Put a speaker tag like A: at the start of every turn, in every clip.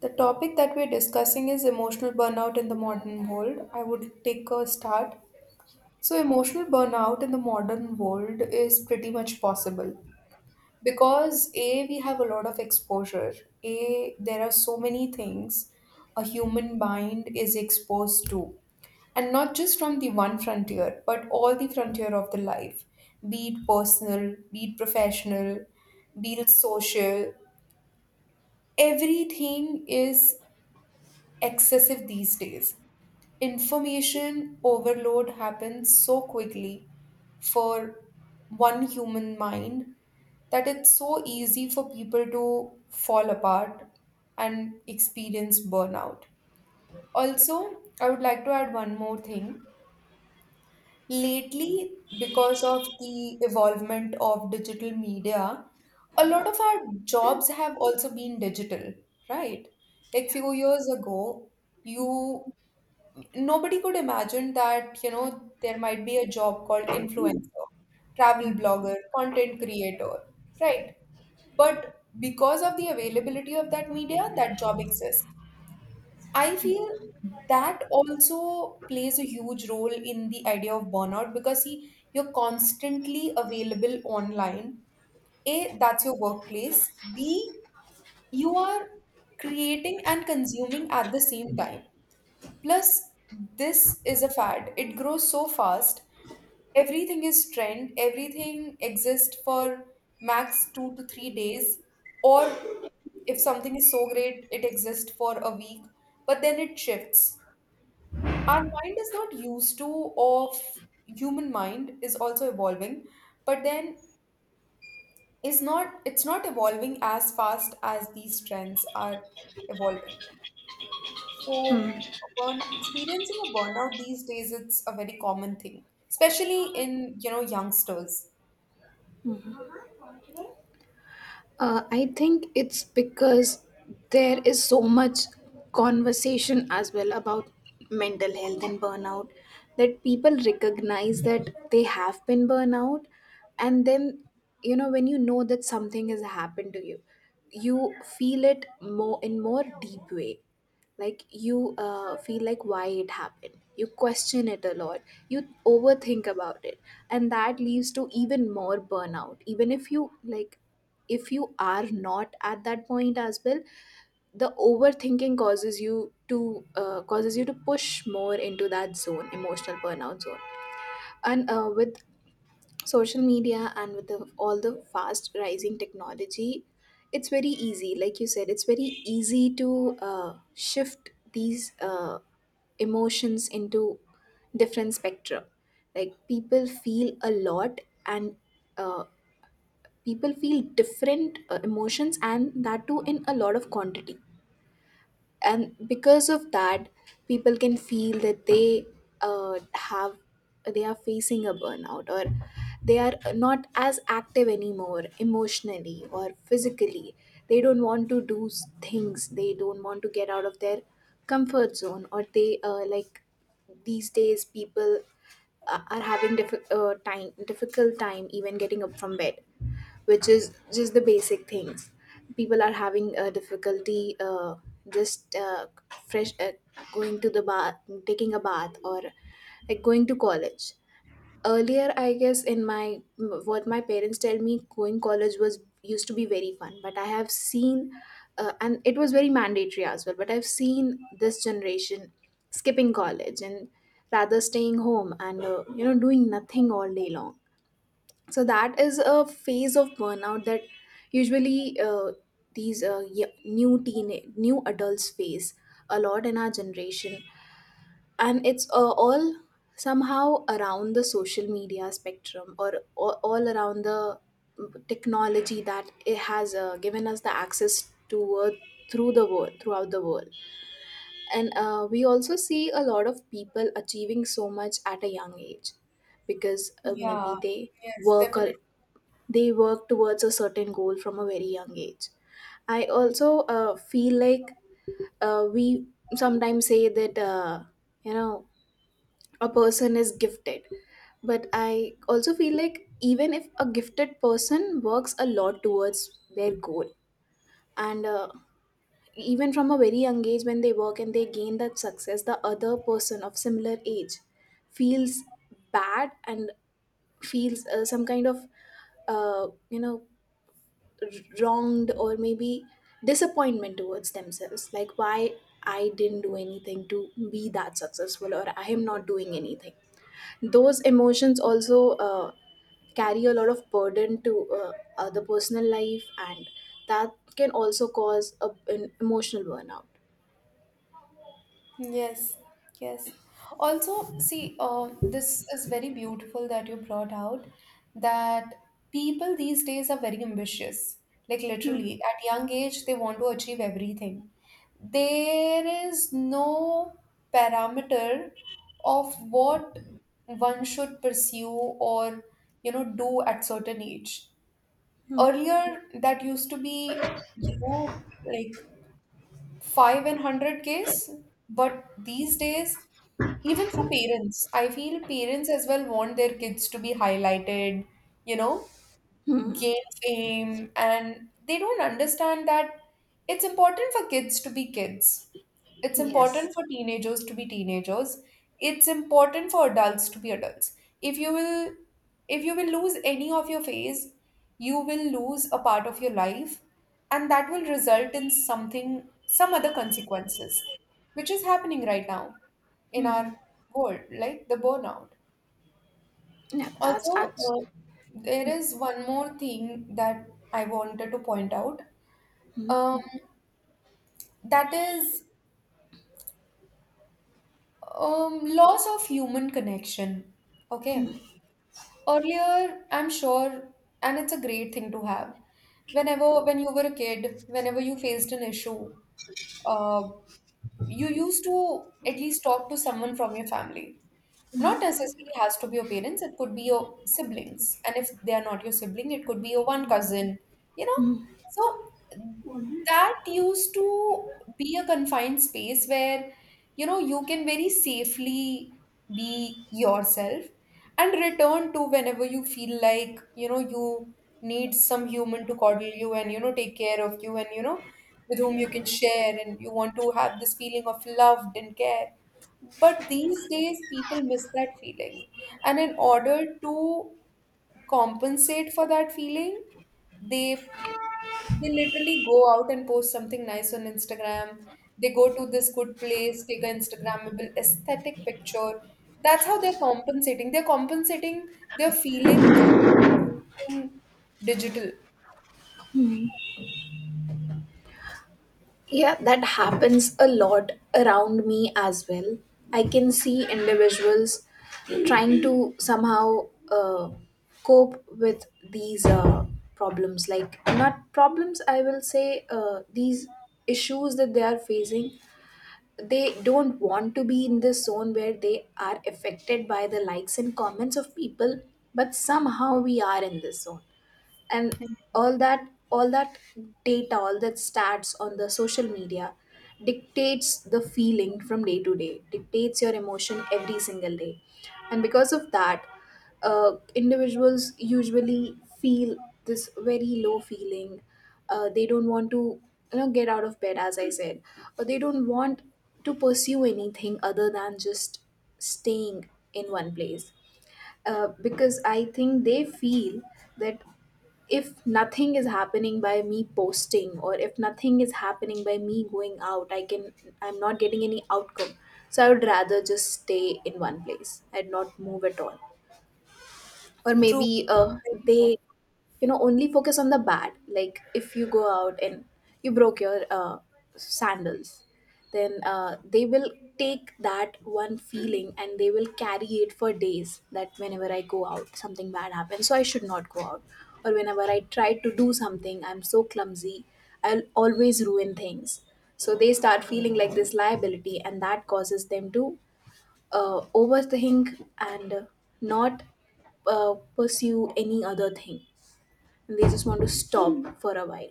A: The topic that we're discussing is emotional burnout in the modern world. I would take a start. So, emotional burnout in the modern world is pretty much possible because A, we have a lot of exposure. A, there are so many things a human mind is exposed to, and not just from the one frontier, but all the frontier of the life, be it personal, be it professional, be it social. Everything is excessive these days. Information overload happens so quickly for one human mind that it's so easy for people to fall apart and experience burnout. Also, I would like to add one more thing. Lately, because of the evolvement of digital media, a lot of our jobs have also been digital, right? Like few years ago, you nobody could imagine that there might be a job called influencer, travel blogger, content creator, right? But because of the availability of that media, that job exists. I feel that also plays a huge role in the idea of burnout because see, you're constantly available online. A, that's your workplace. B, you are creating and consuming at the same time. Plus, this is a fad. It grows so fast. Everything is trend. Everything exists for max 2 to 3 days. Or if something is so great, it exists for a week. But then it shifts. Our mind is not used to, or human mind is also evolving. But then is not it's not evolving as fast as these trends are evolving. So, burn experiencing a burnout these days, it's a very common thing, especially in, you know, youngsters.
B: I think it's because there is so much conversation as well about mental health and burnout that people recognize that they have been burnout, and then you know when you know that something has happened to you, you feel it more in more deep way like you feel like why it happened, you question it a lot, you overthink about it, and that leads to even more burnout even if you like if you are not at that point as well. The overthinking causes you to push more into that zone, emotional burnout zone. And uh, with social media and with all the fast rising technology, it's very easy like you said, it's very easy to shift these emotions into different spectrum. Like people feel a lot, and uh, people feel different emotions, and that too in a lot of quantity. And because of that, people can feel that they have, they are facing a burnout, or they are not as active anymore, emotionally or physically. They don't want to do things, they don't want to get out of their comfort zone, or they like these days people are having diffi- time difficult time even getting up from bed, which is just the basic things. People are having difficulty just fresh going to the bath, taking a bath, or like going to college. Earlier, I guess, what my parents tell me, going college was used to be very fun, but I have seen and it was very mandatory as well, but I've seen this generation skipping college and rather staying home and you know, doing nothing all day long. So that is a phase of burnout that usually new teen, new adults face a lot in our generation. And it's all somehow around the social media spectrum, or all around the technology that it has given us the access to, throughout the world. And we also see a lot of people achieving so much at a young age because
A: Yeah. Yeah,
B: maybe
A: yes, definitely.
B: they work towards a certain goal from a very young age. I also feel like we sometimes say that you know, a person is gifted, but I also feel like even if a gifted person works a lot towards their goal and even from a very young age when they work and they gain that success, the other person of similar age feels bad and feels some kind of you know, r- wronged or maybe disappointment towards themselves, like why I didn't do anything to be that successful, or I am not doing anything. Those emotions also carry a lot of burden to the personal life, and that can also cause an emotional burnout.
A: Yes, yes. Also, see, this is very beautiful that you brought out that people these days are very ambitious. Like literally, at young age, they want to achieve everything. There is no parameter of what one should pursue or, you know, do at certain age.
B: Hmm.
A: Earlier, that used to be, you know, like 5 and 100 Ks. But these days, even for parents, I feel parents as well want their kids to be highlighted, you know, gain fame, and they don't understand that it's important for kids to be kids, it's
B: Yes.
A: important for teenagers to be teenagers, it's important for adults to be adults. If you will, if you will lose any of your phase, you will lose a part of your life, and that will result in something, some other consequences, which is happening right now in our world, like the burnout.
B: Yeah, that's
A: Also, uh, there is one more thing that I wanted to point out, um, that is, loss of human connection. Okay. Earlier, I'm sure, and it's a great thing to have. Whenever, when you were a kid, whenever you faced an issue, uh, you used to at least talk to someone from your family. Not necessarily has to be your parents, it could be your siblings. And if they are not your sibling, it could be your one cousin, you know?
B: Hmm.
A: So that used to be a confined space where, you know, you can very safely be yourself and return to whenever you feel like, you know, you need some human to coddle you and, you know, take care of you and, you know, with whom you can share and you want to have this feeling of loved and care. But these days, people miss that feeling. And in order to compensate for that feeling, they they literally go out and post something nice on Instagram. They go to this good place, take an Instagrammable aesthetic picture. That's how they're compensating. They're compensating their feelings in digital.
B: Yeah, that happens a lot around me as well. I can see individuals trying to somehow cope with these problems, like not problems, I will say these issues that they are facing. They don't want to be in this zone where they are affected by the likes and comments of people, but somehow we are in this zone. And all that data, all that stats on the social media dictates the feeling from day to day, dictates your emotion every single day. And because of that, individuals usually feel this very low feeling. They don't want to, you know, get out of bed as I said, or they don't want to pursue anything other than just staying in one place, because I think they feel that if nothing is happening by me posting, or if nothing is happening by me going out, I'm not getting any outcome. So I would rather just stay in one place and not move at all. or
A: True.
B: maybe uh,
A: Very true.
B: they, you know, only focus on the bad. Like if you go out and you broke your sandals, then they will take that one feeling and they will carry it for days, that whenever I go out something bad happens, so I should not go out. Or whenever I try to do something, I'm so clumsy, I'll always ruin things. So they start feeling like this liability, and that causes them to overthink and not pursue any other thing. And they just want to stop for a while.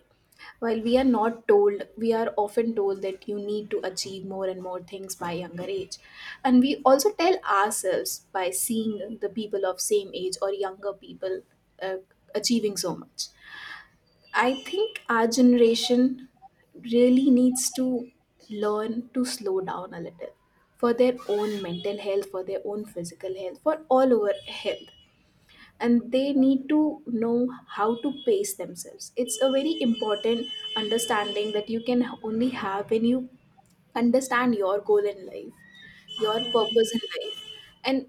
B: While we are not told, we are often told that you need to achieve more and more things by younger age. And we also tell ourselves by seeing the people of same age or younger people uh, achieving so much. I think our generation really needs to learn to slow down a little, for their own mental health, for their own physical health, for all over health. And they need to know how to pace themselves. It's a very important understanding that you can only have when you understand your goal in life, your
A: Hmm.
B: purpose in life. And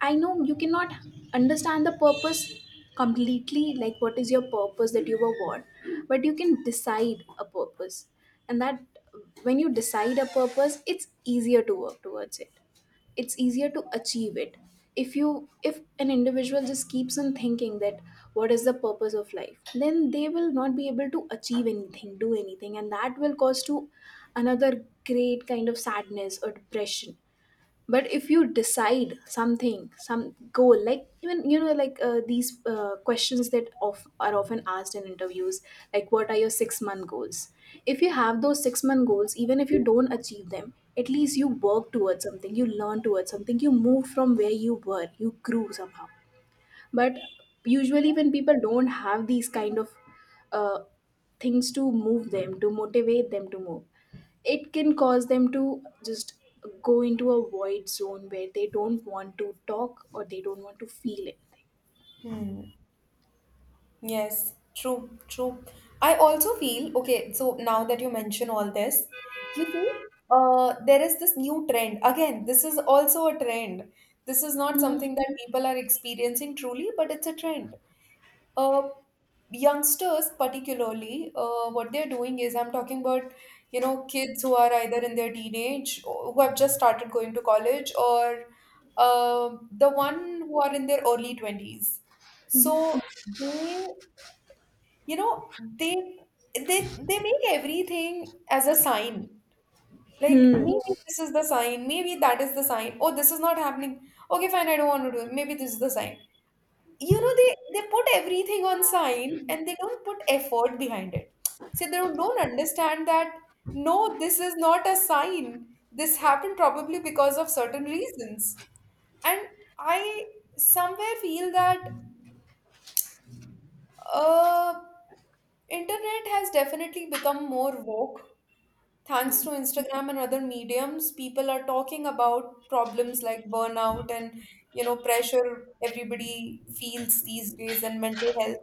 B: I know you cannot understand the purpose completely, like what is your purpose that you were born, but you can decide a purpose. And that, when you decide a purpose, it's easier to work towards it. It's easier to achieve it. If an individual just keeps on thinking that what is the purpose of life, then they will not be able to achieve anything, do anything, and that will cause to another great kind of sadness or depression. But if you decide something, some goal, like even you know like these questions are often asked in interviews, like what are your 6-month month goals. If you have those 6-month month goals, even if you don't achieve them, at least you work towards something, you learn towards something, you move from where you were, you grew somehow. But usually when people don't have these kind of uh, things to move them, to motivate them to move, it can cause them to just go into a void zone where they don't want to talk or they don't want to feel anything.
A: Hmm. Yes, true, true. I also feel, okay, so now that you mention all this, you see, there is this new trend. Again, this is also a trend. This is not something that people are experiencing truly, but it's a trend. Uh, youngsters, particularly, what they're doing is, I'm talking about, you know, kids who are either in their teenage, or who have just started going to college, or the one who are in their early 20s. So they you know they they make everything as a sign. Like maybe this is the sign, maybe that is the sign. Oh, this is not happening. Okay, fine, I don't want to do it, maybe this is the sign. You know, they put everything on sign and they don't put effort behind it. See, they don't understand that no, this is not a sign. This happened probably because of certain reasons. And I somewhere feel that uh internet has definitely become more woke. Thanks to Instagram and other mediums, people are talking about problems like burnout and, you know, pressure everybody feels these days, and mental health.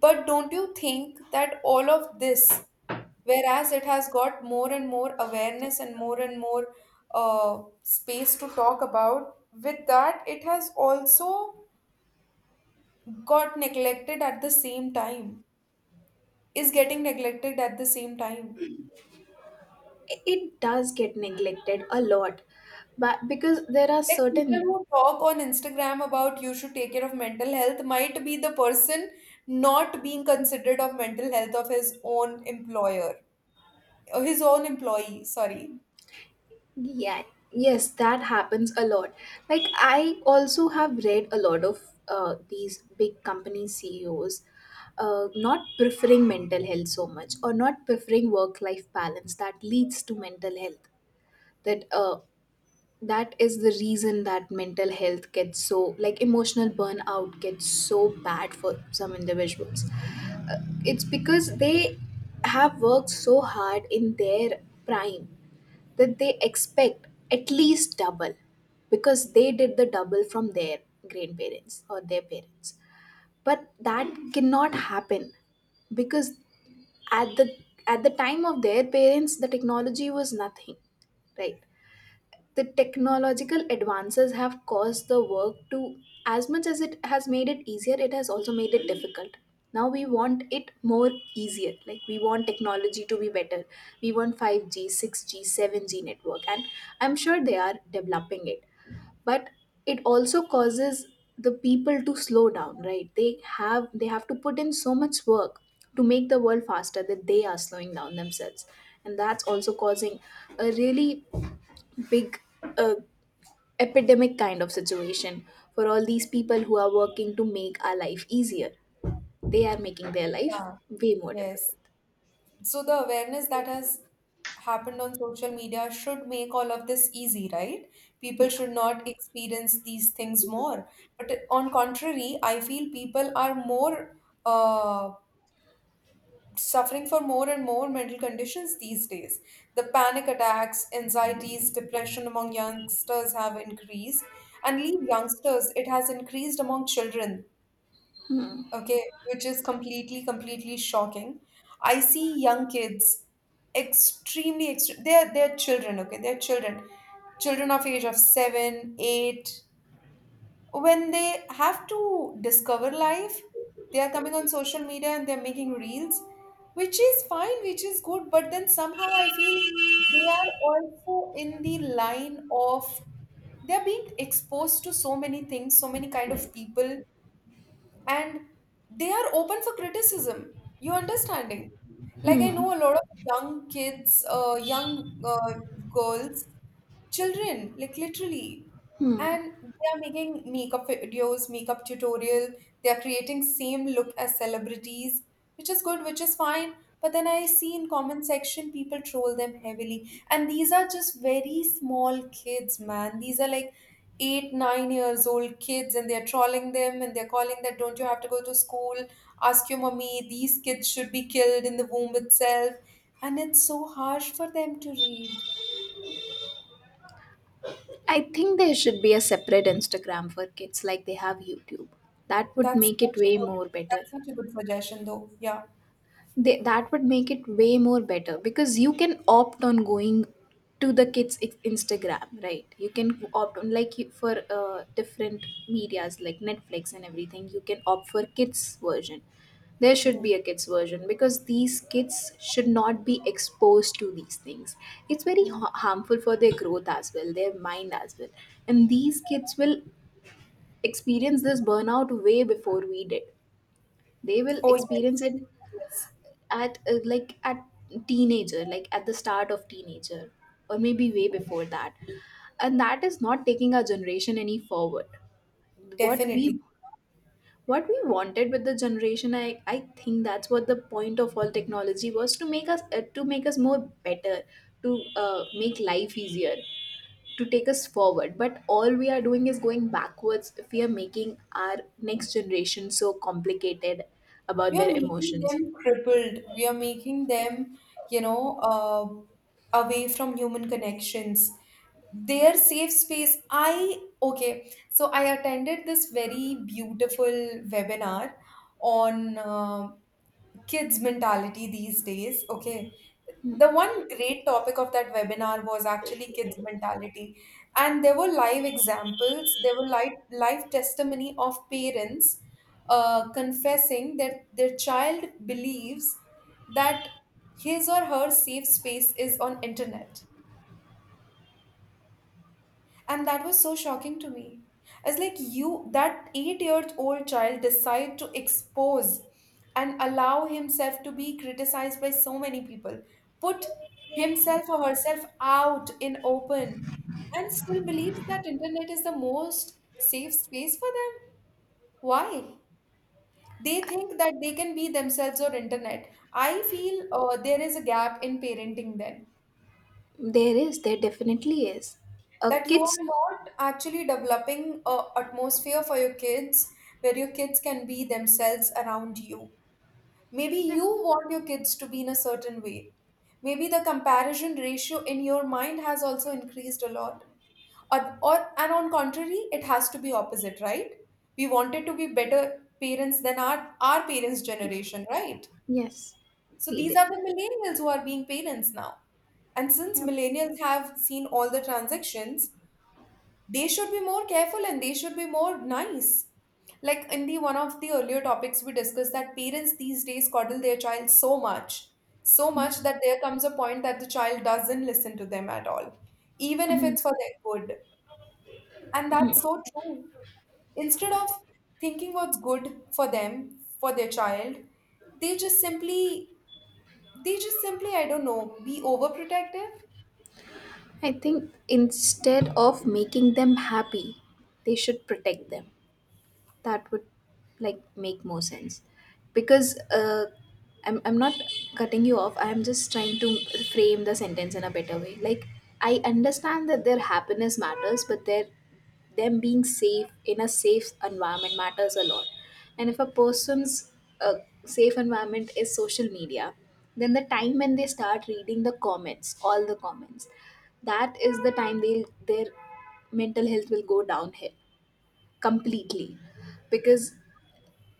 A: But don't you think that all of this, whereas it has got more and more awareness and more space to talk about, with that, it has also got neglected at the same time, is getting neglected at the same time.
B: It does get neglected a lot, but because there are
A: Like people
B: certain
A: who talk on Instagram about you should take care of mental health might be the person not being considered of mental health of his own employer, or his own employee, sorry.
B: Yeah, yes, that happens a lot. Like, I also have read a lot of these big company CEOs not preferring mental health so much, or not preferring work life balance that leads to mental health. That uh, that is the reason that mental health gets so, like emotional burnout gets so bad for some individuals. It's because they have worked so hard in their prime, that they expect at least double, because they did the double from their grandparents or their parents. But that cannot happen because at the at the time of their parents, the technology was nothing, right? The technological advances have caused the work to, as much as it has made it easier, it has also made it difficult. Now we want it more easier, like we want technology to be better, we want 5G 6G 7G network, and I'm sure they are developing it. But it also causes the people to slow down, right? They have to put in so much work to make the world faster, that they are slowing down themselves. And that's also causing a really big uh, epidemic kind of situation for all these people who are working to make our life easier. They are making their life
A: Yeah,
B: way more difficult.
A: yes. So the awareness that has happened on social media should make all of this easy, right? People
B: Yeah.
A: should not experience these things more. But on contrary, I feel people are more uh, suffering for more and more mental conditions these days. The panic attacks, anxieties, depression among youngsters have increased. And leave youngsters, it has increased among children, okay, which is completely, completely shocking. I see young kids extremely, they're, children, okay, they're children. Children of age of seven, eight, when they have to discover life, they are coming on social media and they're making reels, which is fine, which is good, but then somehow I feel they are also in the line of, they're being exposed to so many things, so many kind of people, and they are open for criticism. You understanding? Like I know
B: Hmm.
A: a lot of young kids, young girls, children, like literally,
B: Hmm.
A: and they are making makeup videos, makeup tutorial. They are creating same look as celebrities, which is good, which is fine, but then I see in comment section people troll them heavily. And these are just very small kids, man, these are like 8 9 years old kids, and they're trolling them and they're calling that don't you have to go to school, ask your mommy, these kids should be killed in the womb itself. And it's so harsh for them to read.
B: I think there should be a separate Instagram for kids, like they have YouTube. That would
A: That's
B: make it
A: such a
B: way
A: good,
B: more better.
A: that's such a good suggestion, though. Yeah.
B: They, that would make it way more better, because you can opt on going to the kids Instagram, right? You can opt on like you, for different medias like Netflix and everything, you can opt for kids version. There should be
A: Mm,
B: a kids version, because these kids should not be exposed to these things. It's very
A: mm.
B: harmful for their growth as well, their mind as well. And these kids will experience this burnout way before we did. They will
A: Oh,
B: experience
A: yes.
B: it
A: Yes,
B: at like at teenager, like at the start of teenager, or maybe way before that. And that is not taking our generation any forward. what
A: definitely.
B: we what we wanted with the generation, I think that's what the point of all technology was, to make us more better, to make life easier, to take us forward. But all we are doing is going backwards, if we are making our next generation so complicated about
A: We are
B: their
A: making
B: emotions.
A: them crippled. We are making them, you know, away from human connections. Their safe space. I, okay, so I attended this very beautiful webinar on kids' mentality these days. Okay. The one great topic of that webinar was actually kids mentality, and there were live examples, there were live, testimony of parents confessing that their child believes that his or her safe space is on internet. And that was so shocking to me. It's like you, that 8 years old child, decide to expose and allow himself to be criticized by so many people, put himself or herself out in open, and still believes that internet is the most safe space for them. Why? They think that they can be themselves or internet. I feel there is a gap in parenting then,
B: There is, there definitely is.
A: that you are
B: Kids,
A: not actually developing a atmosphere for your kids where your kids can be themselves around you. Maybe you want your kids to be in a certain way, maybe the comparison ratio in your mind has also increased a lot. Or and on contrary, it has to be opposite, right? We wanted to be better parents than our parents generation, right?
B: yes,
A: So
B: we
A: these are
B: did.
A: the millennials who are being parents now. And since
B: Yep.
A: millennials have seen all the transactions, they should be more careful and they should be more nice. Like in the one of the earlier topics we discussed, that parents these days coddle their child so much, so much,
B: Yes.
A: that there comes a point that the child doesn't listen to them at all, even if
B: Mhm.
A: it's for their good. And that's so true. Instead of thinking what's good for them, for their child, they just simply, I don't know, be overprotective.
B: I think instead of making them happy, they should protect them. That would, like, make more sense because I'm not cutting you off. I'm just trying to frame the sentence in a better way. Like, I understand that their happiness matters, but their them being safe in a safe environment matters a lot. And if a person's uh, safe environment is social media, then the time when they start reading the comments all the comments, that is the time they'll their mental health will go downhill completely. Because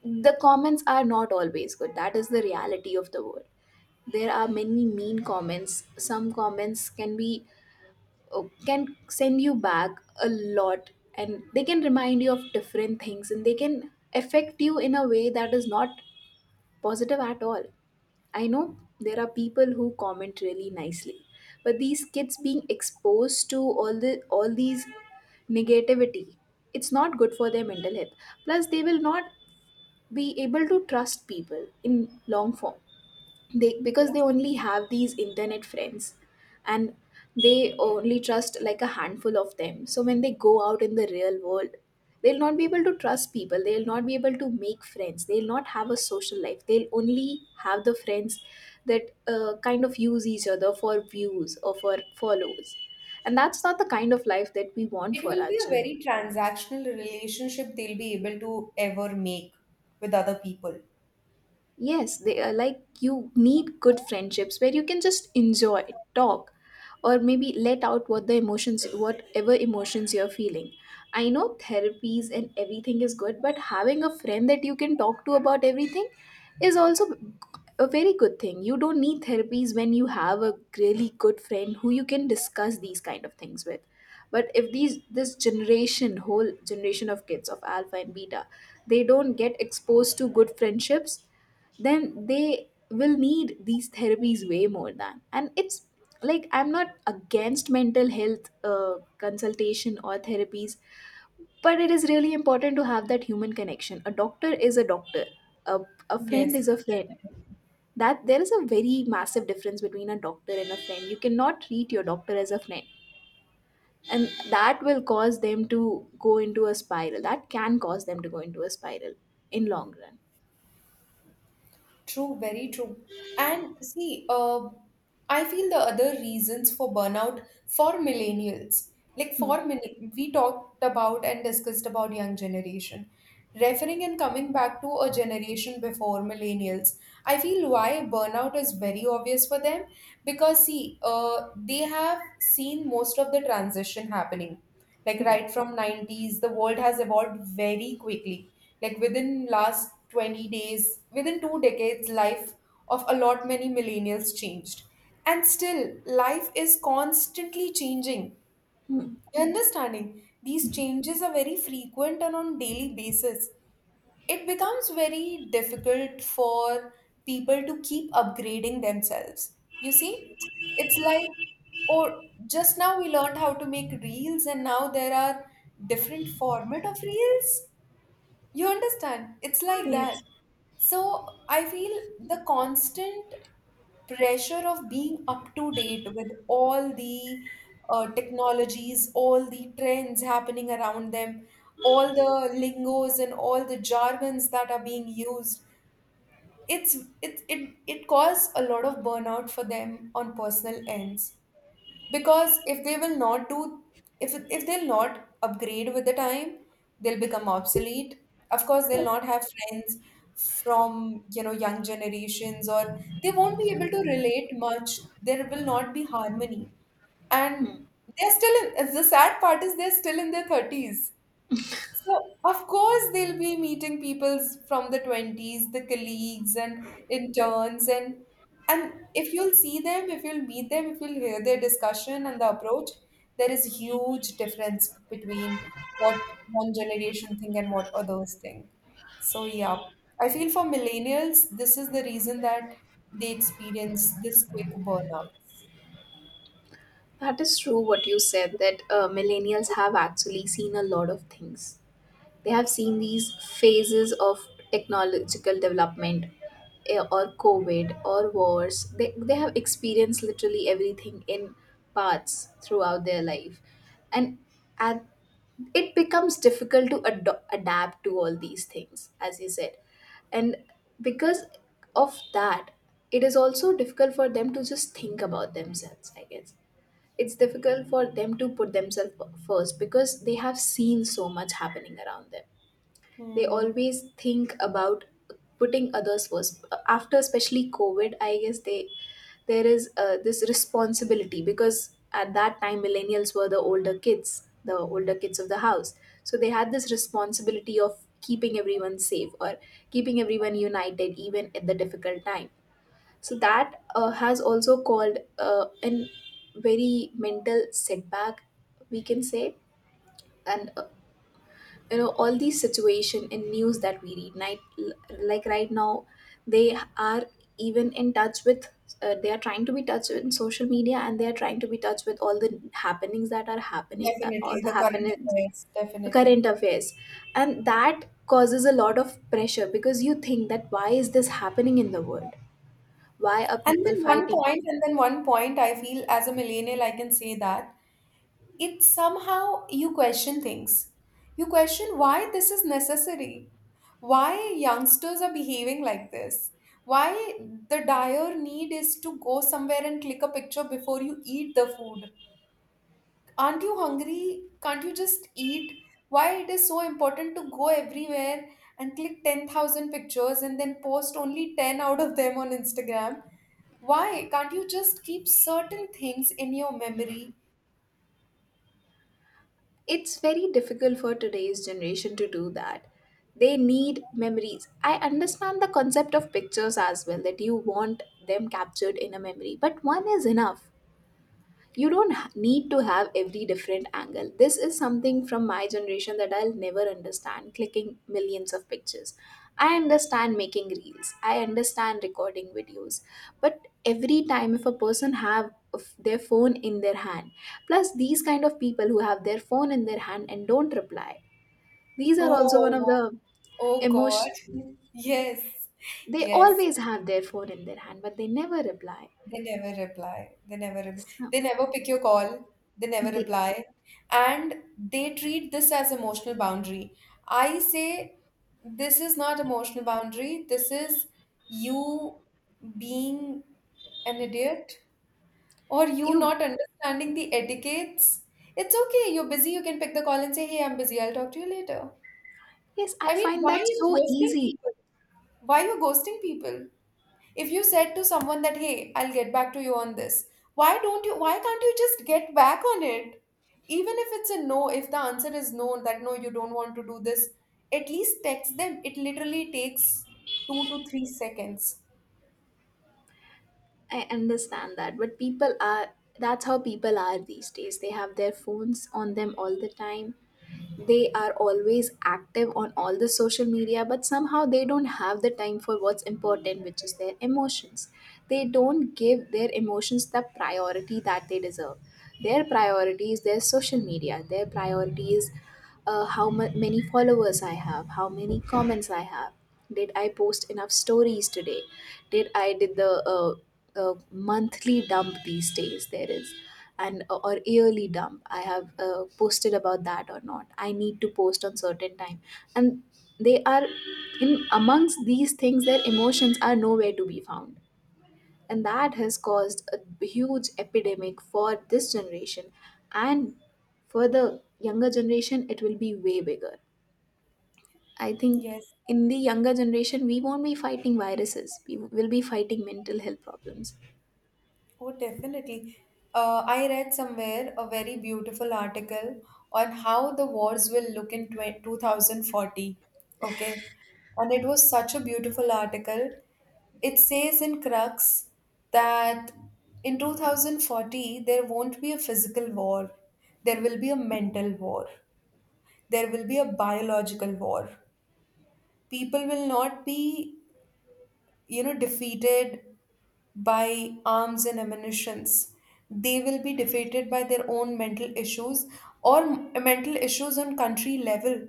B: the comments are not always good. That is the reality of the world. There are many mean comments. Some comments can be, oh, can send you back a lot, and they can remind you of different things, and they can affect you in a way that is not positive at all. I know there are people who comment really nicely, but these kids being exposed to all these negativity, it's not good for their mental health. Plus, they will not be able to trust people in long form. They because they only have these internet friends, and they only trust, like, a handful of them. So when they go out in the real world, they'll not be able to trust people, they'll not be able to make friends, they'll not have a social life. They'll only have the friends that kind of use each other for views or for follows. And that's not the kind of life that we want
A: It
B: for
A: will
B: our
A: be a
B: children.
A: very transactional relationship they'll be able to ever make with other people.
B: Yes, they are, like, you need good friendships where you can just enjoy, talk, or maybe let out whatever emotions you're feeling. I know therapies and everything is good, but having a friend that you can talk to about everything is also a very good thing. You don't need therapies when you have a really good friend who you can discuss these kind of things with. But if these this generation, whole generation of kids of alpha and beta, they don't get exposed to good friendships, then they will need these therapies way more than. And it's like, I'm not against mental health consultation or therapies, but it is really important to have that human connection. A doctor is a doctor, a, a friend
A: Yes.
B: is a friend. That there is a very massive difference between a doctor and a friend. You cannot treat your doctor as a friend, and that will cause them to go into a spiral, that can cause them to go into a spiral in long run.
A: True, very true. And see, I feel the other reasons for burnout for millennials, like for we talked about and discussed about young generation. Referring and coming back to a generation before millennials, I feel why burnout is very obvious for them because see, they have seen most of the transition happening. Like right from 90s, the world has evolved very quickly. Like within last 20 days, within two decades, life of a lot many millennials changed. And still, life is constantly changing. You understanding? These changes are very frequent and on daily basis it becomes very difficult for people to keep upgrading themselves. You see, it's like, or just now we learned how to make reels, and now there are different format of reels. You understand? It's like that.
B: Yes.
A: So I feel the constant pressure of being up to date with all the technologies, all the trends happening around them, all the lingos and all the jargons that are being used. It's it it it caused a lot of burnout for them on personal ends because if they will not do if they'll not upgrade with the time, they'll become obsolete. Of course, they'll not have friends from you know young generations, or they won't be able to relate much. There will not be harmony. And they're still in the sad part is they're still in their 30s, so, of course, they'll be meeting people from the 20s, the colleagues and interns, and if you'll see them, if you'll meet them, if you'll hear their discussion and the approach, there is huge difference between what one generation think and what others think. So, yeah, I feel for millennials, this is the reason that they experience this quick burnout.
B: That is true, what you said, that millennials have actually seen a lot of things. They have seen these phases of technological development, or COVID or wars. They have experienced literally everything in parts throughout their life. And at, it becomes difficult to adapt to all these things, as you said. And because of that, it is also difficult for them to just think about themselves, I guess. It's difficult for them to put themselves first because they have seen so much happening around them. They
A: Hmm.
B: always think about putting others first, after especially covid, I guess. They there is uh, this responsibility, because at that time millennials were the older kids, the older kids of the house. So they had this responsibility of keeping everyone safe, or keeping everyone united even at the difficult time. So that has also called a very mental setback, we can say. And all these situation and news that we read night, like right now, they are even in touch with they are trying to be touch in social media, and they are trying to be touch with all the happenings that are happening, all
A: Definitely,
B: the
A: the current
B: happenings,
A: affairs, definitely.
B: current affairs. And that causes a lot of pressure, because you think that why is this happening in the world, why are
A: And
B: people
A: then one
B: fighting.
A: point, and then one point, I feel as a millennial, I can say that it's somehow you question things. You question why this is necessary, why youngsters are behaving like this, why the dire need is to go somewhere and click a picture before you eat the food, aren't you hungry? Can't you just eat? Why it is so important to go everywhere and click 10,000 pictures and then post only 10 out of them on Instagram? Why can't you just keep certain things in your memory?
B: It's very difficult for today's generation to do that. They need memories. I understand the concept of pictures as well, that you want them captured in a memory, but one is enough. You don't need to have every different angle. This is something from my generation that I'll never understand, clicking millions of pictures. I understand making reels, I understand recording videos. But every time if a person have of their phone in their hand, plus these kind of people who have their phone in their hand and don't reply, these are also one of
A: Oh,
B: the
A: oh God.
B: emotion.
A: Yes,
B: They
A: yes.
B: always have their phone in their hand, but they never reply.
A: They never reply. They
B: Some-
A: never pick your call. They never
B: they
A: reply. And they treat this as emotional boundary. I say this is not emotional boundary. This is you being an idiot or you
B: you
A: not understanding the etiquettes. It's okay. You're busy. You can pick the call and say, "Hey, I'm busy. I'll talk to you later."
B: yes
A: I
B: I
A: mean,
B: find
A: why are
B: that
A: you
B: so
A: ghosting
B: easy.
A: people? Why are you ghosting people? If you said to someone that, hey, I'll get back to you on this, why can't you just get back on it? Even if it's a no, if the answer is no, that no, you don't want to do this, at least text them. It literally takes 2 to 3 seconds.
B: I understand that, but people are that's how people are these days. They have their phones on them all the time. They are always active on all the social media, but somehow they don't have the time for what's important, which is their emotions. They don't give their emotions the priority that they deserve. Their priority is their social media. Their priority is many followers I have, how many comments I have. Did I post enough stories today? Did the uh, monthly dump, these days there is, and or yearly dump I have posted about that or not. I need to post on certain time. And they are in amongst these things, their emotions are nowhere to be found. And that has caused a huge epidemic for this generation. And for the younger generation it will be way bigger, I think.
A: Yes.
B: In the younger generation we won't be fighting viruses, we will be fighting mental health problems.
A: Oh, definitely. I read somewhere a very beautiful article on how the wars will look in 20 2040. Okay. And it was such a beautiful article. It says in crux that in 2040, there won't be a physical war, there will be a mental war, there will be a biological war. People will not be you know defeated by arms and ammunitions. They will be defeated by their own mental issues or mental issues on country level,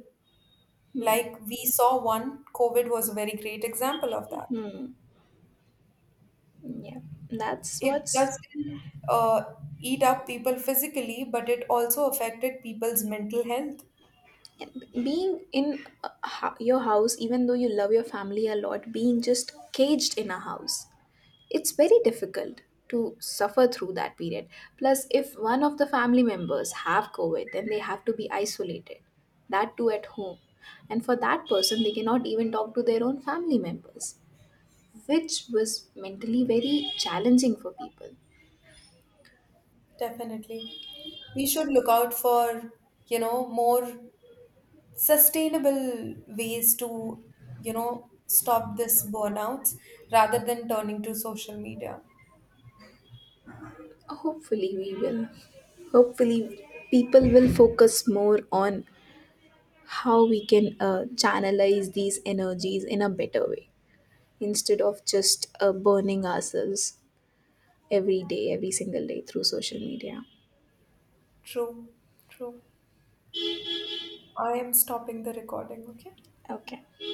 B: Hmm.
A: like we saw. One covid was a very great example of that.
B: Hmm. Yeah, that's
A: It
B: what's
A: just didn't uh, eat up people physically, but it also affected people's mental health.
B: being in a your house, even though you love your family a lot, being just caged in a house, it's very difficult to suffer through that period. Plus, if one of the family members have covid, then they have to be isolated, that too at home. And for that person, they cannot even talk to their own family members, which was mentally very challenging for people.
A: Definitely, we should look out for you know more sustainable ways to you know stop this burnouts rather than turning to social media.
B: Hopefully, we will hopefully people will focus more on how we can channelize these energies in a better way, instead of just burning ourselves every single day through social media.
A: True. True. I am stopping the recording. Okay.
B: Okay.